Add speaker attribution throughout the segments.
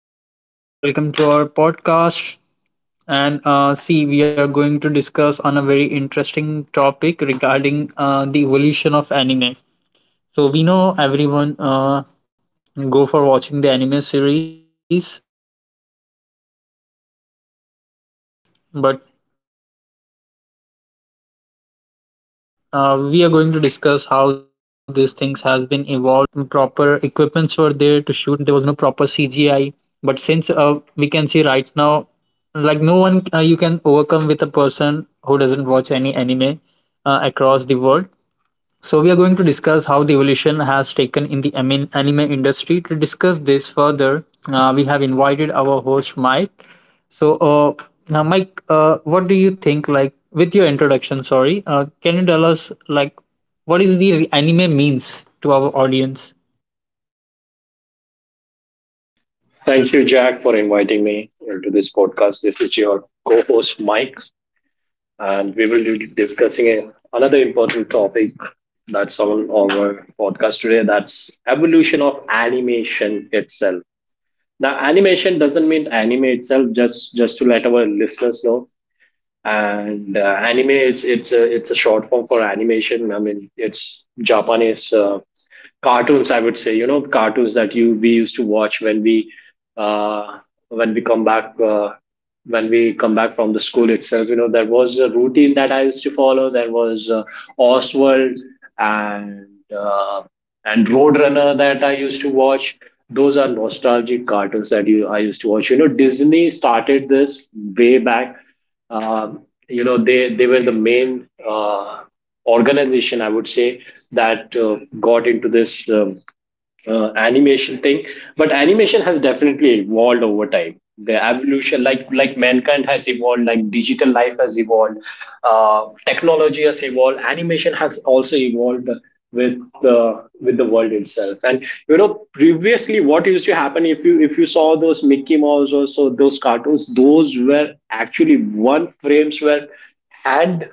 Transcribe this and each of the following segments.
Speaker 1: Is your host Jack. Welcome to our podcast. And see, we are going to discuss on a very interesting topic regarding the evolution of anime. So we know everyone go for watching the anime series. But we are going to discuss how these things has been evolved since like we have seen in the previous decades there were no like proper equipments were there to shoot. There was no proper CGI, any anime across the world. So we are going to discuss how the evolution has taken in the anime industry. To discuss this further, we have invited our host Mike. So now, Mike, what do you think? Like with your introduction, sorry, can you tell us like what is the anime means to our audience?
Speaker 2: Thank you, Jack, for inviting me to this podcast. This is your co host, Mike, and we will be discussing another important topic that's on our podcast today, that's evolution of animation itself. Now animation doesn't mean anime itself, just to let our listeners know. And anime, it's a short form for animation. I mean, it's Japanese cartoons, I would say. You know, cartoons that you we used to watch when we uh, when we come back uh, when we come back from the school itself. You know, there was a routine that I used to follow. There was Oswald and uh, and Roadrunner that I used to watch. Those are nostalgic cartoons that you I used to watch. You know, Disney started this way back. You know, they were the main organization, I would say, that got into this animation thing. But animation has definitely evolved over time. The evolution, like mankind has evolved, like digital life has evolved, technology has evolved, animation has also evolved with the world itself. And you know, previously, what used to happen, if you saw those Mickey Mouse or so, those cartoons, those were actually, one frames were hand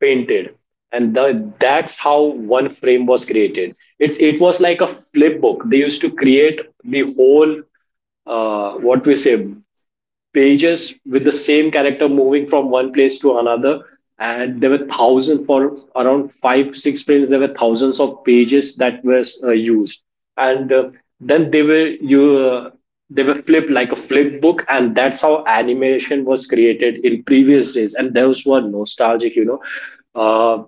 Speaker 2: painted. That's how one frame was created. It's, it was like a flip book. They used to create the whole what we say pages with the same character moving from one place to another, and there were thousands for around 5 6 prints. There were thousands of pages that was used. And then they were you they were flipped like a flip book, and that's how animation was created in previous days, and those were nostalgic, you know. uh,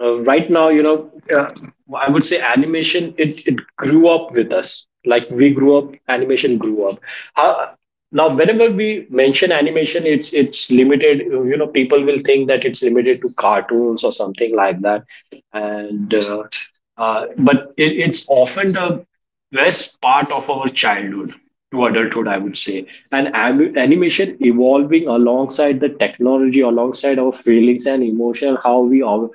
Speaker 2: right now, you know, I would say animation, it grew up with us. Like we grew up, animation grew up. How, Now, whenever we mention animation, it's limited. You know, people will think that it's limited to cartoons or something like that. And But it's often the best part of our childhood to adulthood, I would say. And animation evolving alongside the technology, alongside our feelings and emotion, how we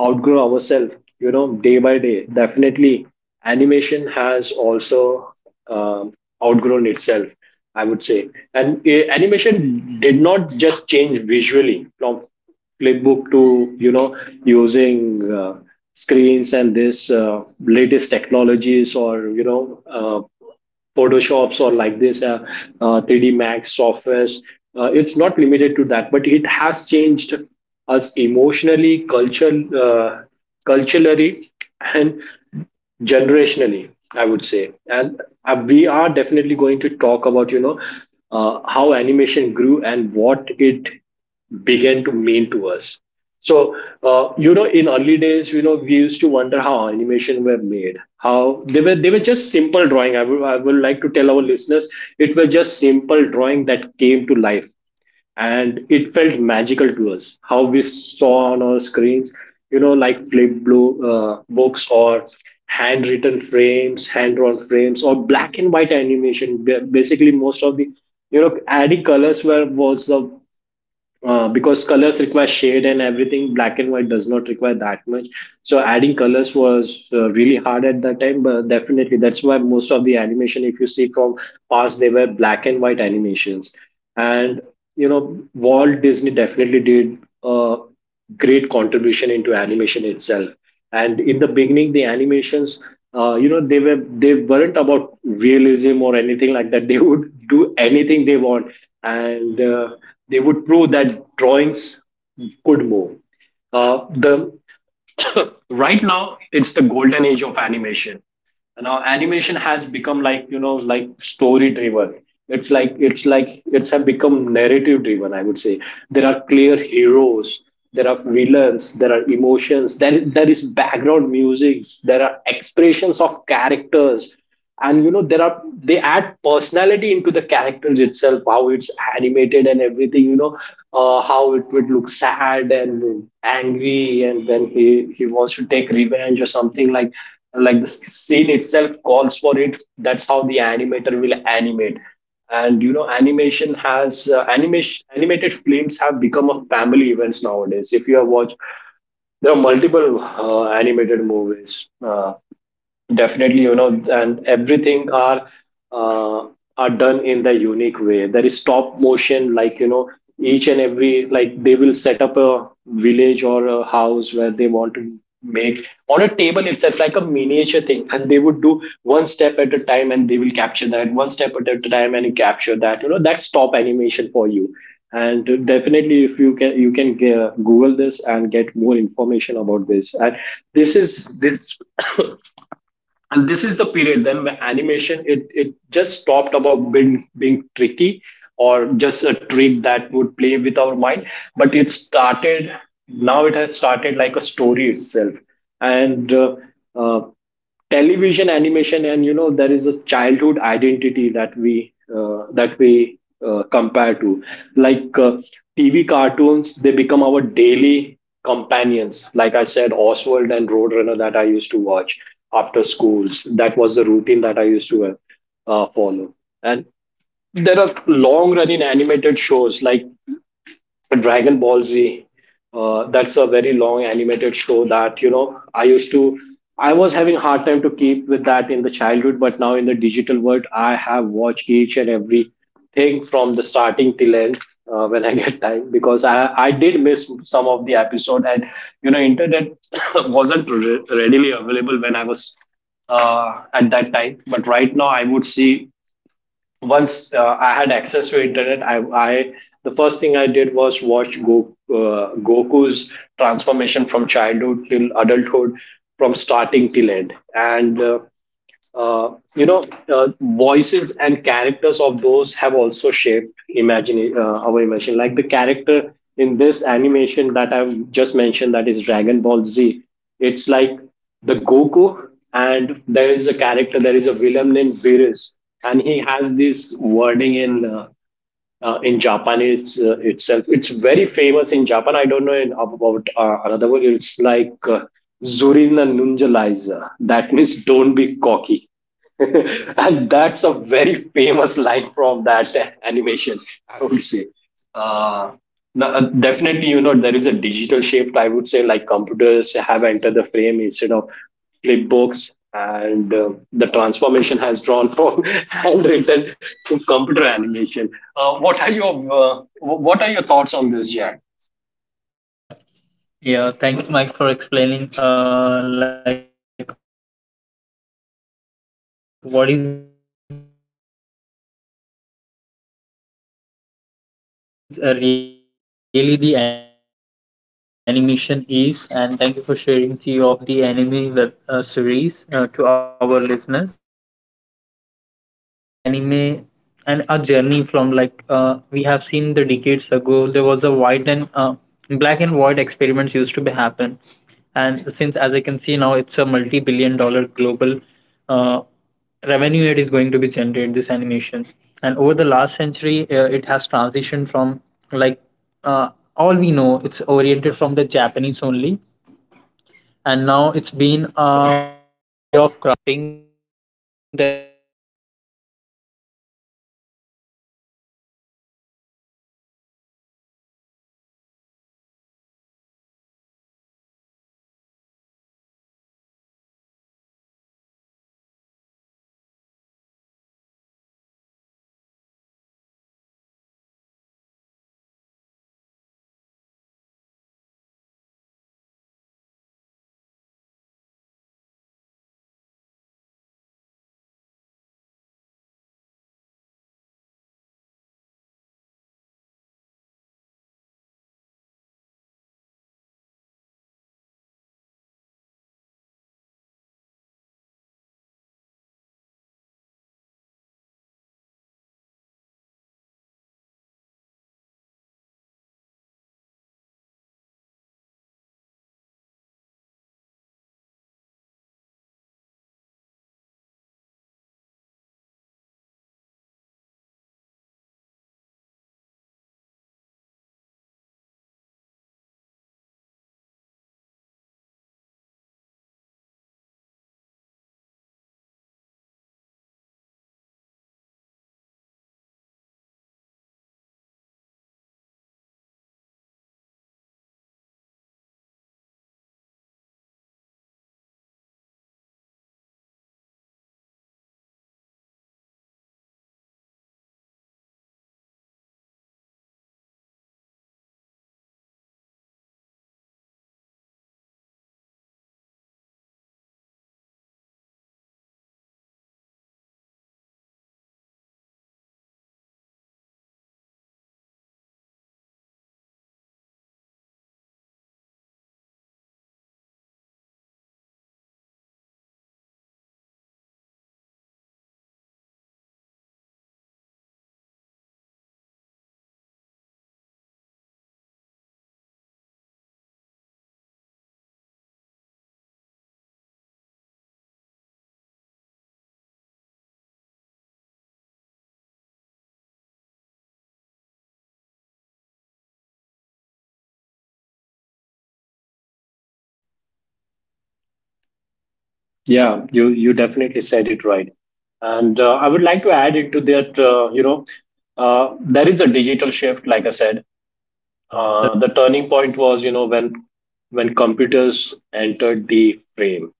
Speaker 2: outgrow ourselves, you know, day by day. Definitely, animation has also um, outgrown itself, I would say. And animation did not just change visually from flipbook to, you know, using screens and this latest technologies, or you know, photoshops, or like this 3D max softwares. It's not limited to that, but it has changed us emotionally, culture uh, culturally, and generationally, I would say. And we are definitely going to talk about, you know, how animation grew and what it began to mean to us. So you know, in early days, you know, we used to wonder how animation were made. How they were just simple drawing. I would like to tell our listeners it were just simple drawing that came to life, and it felt magical to us. How we saw on our screens, you know, like flip blue books, or handwritten frames, hand-drawn frames, or black and white animation. Basically, most of the, you know, adding colors were was the because colors require shade and everything, black and white does not require that much. So adding colors was really hard at that time. But definitely, that's why most of the animation, if you see from past, they were black and white animations. And you know, Walt Disney definitely did a great contribution into animation itself. And in the beginning, the animations, you know, they weren't about realism or anything like that. They would do anything they want, and they would prove that drawings could move. The Right now, it's the golden age of animation. Now animation has become, like, you know, like story driven. It's like it's have become narrative driven, I would say. There are clear heroes, there are villains, there are emotions, there is background music, there are expressions of characters. And you know, there are they add personality into the characters itself, how it's animated and everything. You know, how it would look sad and angry, and when he wants to take revenge, or something like the scene itself calls for it. That's how the animator will animate. And you know, animation has animation animated films have become a family events nowadays. If you have watched, there are multiple animated movies. Definitely, you know, and everything uh, are done in the unique way. There is stop motion, like, you know, each and every, like they will set up a village or a house where they want to make on a table itself, like a miniature thing, and they would do one step at a time, and they will capture that one step at a time, and you capture that. You know, that's stop animation for you. And definitely, if you can, you can Google this and get more information about this. And this is this and this is the period then where animation, it just stopped about being tricky, or just a trick that would play with our mind. But it started, now it has started like a story itself. And uh, Television animation. And you know, there is a childhood identity that we compare to, like TV cartoons. They become our daily companions. Like I said, Oswald and Roadrunner that I used to watch after schools. That was the routine that I used to follow. And there are long running animated shows like Dragon Ball Z. That's a very long animated show that, you know, I used to. I was having hard time to keep with that in the childhood, but now in the digital world, I have watched each and every thing from the starting till end, when I get time, because I did miss some of the episode. And you know, internet wasn't readily available when I was at that time. But right now, I would see, once I had access to internet, I, the first thing I did was watch Goku's transformation from childhood till adulthood, from starting till end. And you know, voices and characters of those have also shaped imagine our imagination. Like the character in this animation that I've just mentioned, that is Dragon Ball Z. It's like the Goku, and there is a character, there is a villain named Beerus, and he has this wording in Japanese itself. It's very famous in Japan. I don't know about another word. It's like Zurina Nunjaliza. That means don't be cocky, and that's a very famous line from that animation, I would say. uh, no- uh, Definitely, you know, there is a digital shift, I would say, like computers have entered the frame instead of flip books. And the transformation has drawn from handwritten to computer animation. uh, what are your what are your thoughts on this, Jack?
Speaker 1: Uh, Yeah, thank you, Mike, for explaining like what is really the animation is, and thank you for sharing few of the anime web series to our listeners. So I want to share like how the evolution of anime and our journey from like we have seen the decades ago there was a white and black and white experiments used to be happen. And since as I can see now it's a multi-billion-dollar global uh, revenue it is going to be generated this animation. And over the last century it has transitioned from like uh, all we know it's oriented from the Japanese only, and now it's been a way of craft.
Speaker 2: Yeah, you definitely said it right, and I would like to add into that. You know, there is a digital shift. Like I said, the turning point was, you know, when computers entered the frame.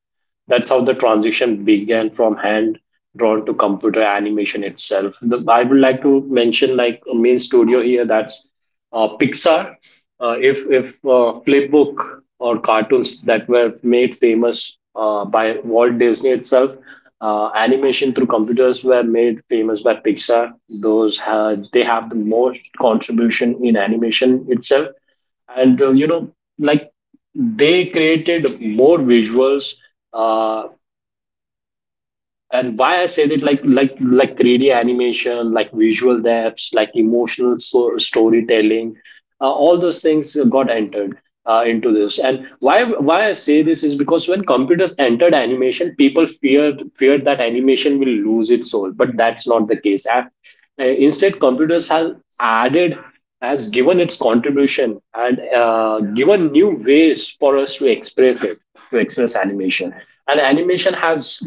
Speaker 2: That's how the transition began from hand drawn to computer animation itself. I would like to mention, like, a main studio here, that's Pixar. If flipbook or cartoons that were made famous by Walt Disney itself, animation through computers were made famous by Pixar. Those had they have the most contribution in animation itself. And you know, like they created more visuals, uh, and why I say that, like 3D animation, like visual depths, like emotional storytelling, all those things got entered into this. And why I say this is because when computers entered animation, people feared that animation will lose its soul. But that's not the case. Instead, has given its contribution, and given new ways for us to express it, to express animation. And animation has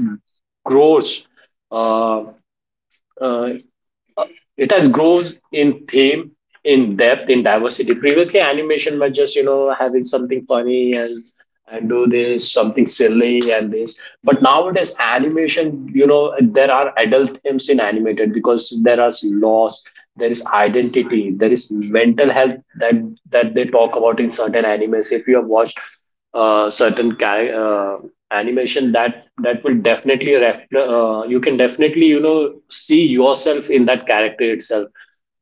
Speaker 2: grows. Uh, uh, it has grows in theme, in depth, in diversity. Previously, animation was just, you know, having something funny, and do this something silly and this. But nowadays, animation, you know, there are adult themes in animated, because there is loss, there is identity, there is mental health, that they talk about in certain animes. If you have watched uh, certain ca- uh, animation that will you can definitely see yourself in that character itself,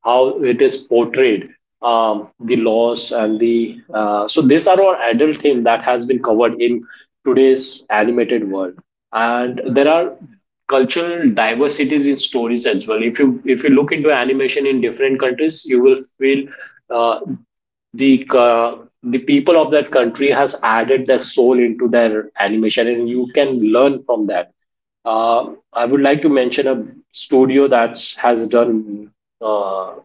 Speaker 2: how it is portrayed, the laws and the so these are all adult theme that has been covered in today's animated world. And there are cultural diversities in stories as well. If you look into animation in different countries, you will feel uh, the uh, the people of that country has added their soul into their animation, and you can learn from that. uh, I would like to mention a studio that's has done uh,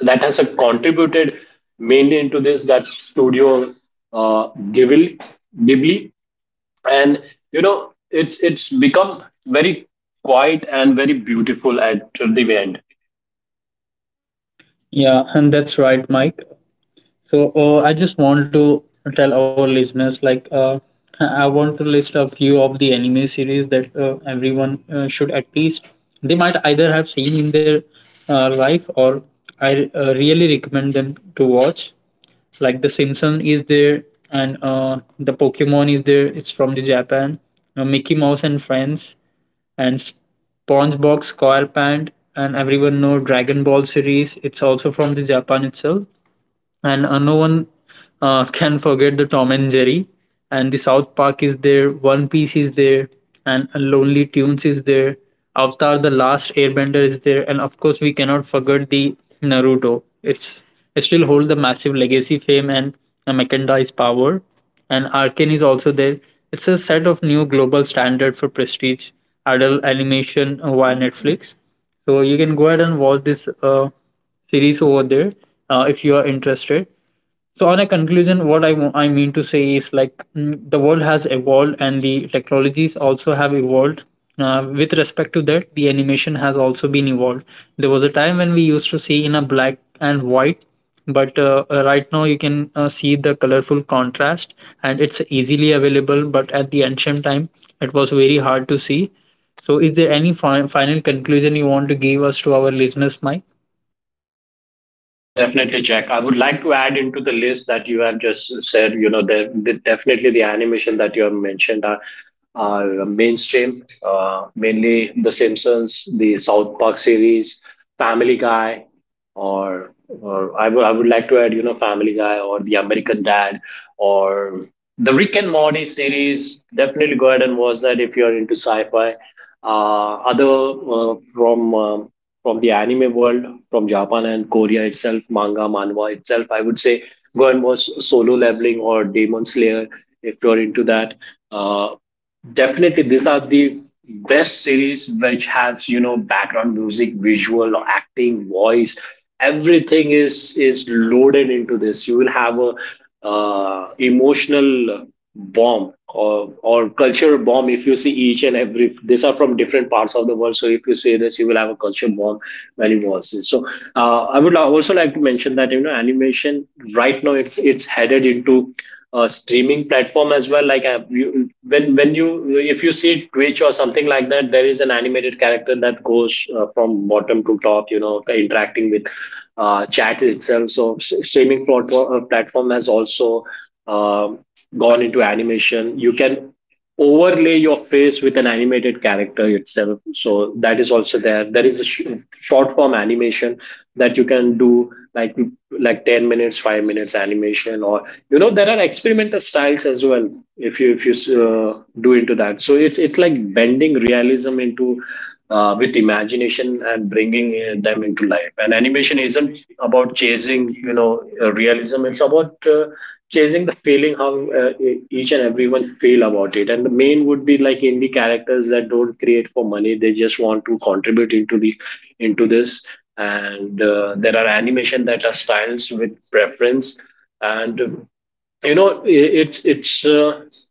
Speaker 2: that has contributed mainly into this. That studio, uh, Ghibli. Ghibli and you know, it's become very quiet and very beautiful at the end.
Speaker 1: Yeah, and that's right, Mike. So I just want to tell our listeners, like, I want to list a few of the anime series that everyone should at least they might either have seen in their life, or I really recommend them to watch. Like The Simpson is there, and the Pokemon is there. It's from the Japan. Mickey Mouse and Friends, and SpongeBob SquarePants, and everyone know Dragon Ball series. It's also from the Japan itself. And no one can forget the Tom and Jerry. And the South Park is there, One Piece is there, and Lonely Tunes is there. Avatar: The Last Airbender is there, and of course we cannot forget the Naruto. It still hold the massive legacy, fame, and Mackendai's power. And Arkane is also there. It's a set of new global standard for prestige adult animation via Netflix. So you can go ahead and watch this. Series over there if you are interested. So on a conclusion, what I mean to say is like, mm, the world has evolved and the technologies also have evolved. Uh, with respect to that the animation has also been evolved. There was a time when we used to see in a black and white, but right now you can see the colorful contrast and it's easily available, but at the ancient time it was very hard to see. So is there any final conclusion you want to give us to our listeners, Mike?
Speaker 2: Yeah, definitely check. I would like to add into the list that you have just said, you know, definitely the animation that you have mentioned are mainstream, mainly The Simpsons, the South Park series, Family Guy, I would like to add, you know, Family Guy or The American Dad, or the Rick and Morty series. Definitely go ahead and watch that if you're into sci fi. Other from the anime world, from Japan and Korea itself, manga, manhwa itself. I would say go and watch Solo Leveling or Demon Slayer if you're into that. Uh, Definitely, these are the best series, which has, you know, background music, visual, acting, voice, everything is loaded into this. You will have a emotional bomb or culture bomb if you see each and every. These are from different parts of the world, so if you see this, you will have a culture bomb when you watch this. So I would also like to mention that, you know, animation right now, it's headed into streaming platform as well. Like, you, when you if you see Twitch or something like that, there is an animated character that goes from bottom to top, you know, interacting with chat itself. So platform has also um gone into animation. You can overlay your face with an animated character itself. So that is also there. There is a short form animation that you can do, like 10 minutes, 5 minutes animation, or you know, there are experimental styles as well. If you do into that. So it's like bending realism into, with imagination, and bringing them into life. And animation isn't about chasing, you know, realism. It's about chasing the feeling, how each and everyone feel about it. And the main would be like indie characters that don't create for money, they just want to contribute into the into this. And there are animation that are styles with preference. And, you know, i- it's it's uh,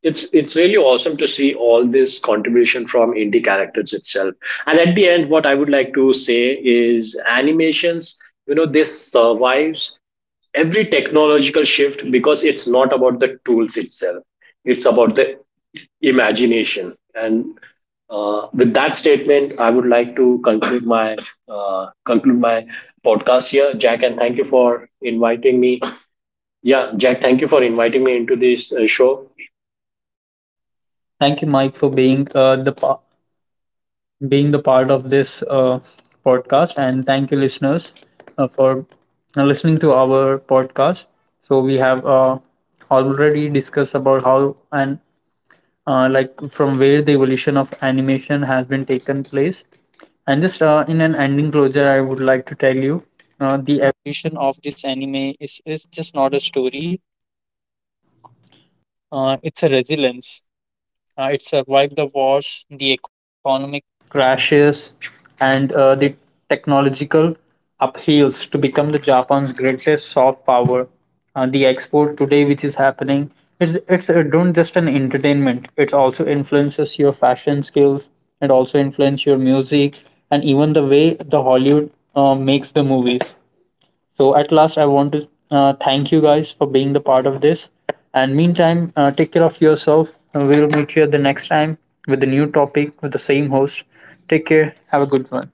Speaker 2: it's really awesome to see all this contribution from indie characters itself. And at the end, what I would like to say is animations, you know, this survives every technological shift, because it's not about the tools itself, it's about the imagination. And with that statement, I would like to conclude my podcast here, Jack, and thank you for inviting me. Yeah, Jack, thank you for inviting me into this show.
Speaker 1: Thank you, Mike, for being the part of this podcast, and thank you, listeners, for listening to our podcast. So we have already discussed about how and like from where the evolution of animation has been taken place. And just in an ending closure, I would like to tell you the technological upheavals to become the Japan's greatest soft power. The export today, which is happening, it's don't just an entertainment. It also influences your fashion skills. It also influences your music and even the way the Hollywood makes the movies. So at last, I want to thank you guys for being the part of this. And meantime, take care of yourself. We'll meet you the next time with a new topic with the same host. Take care. Have a good one.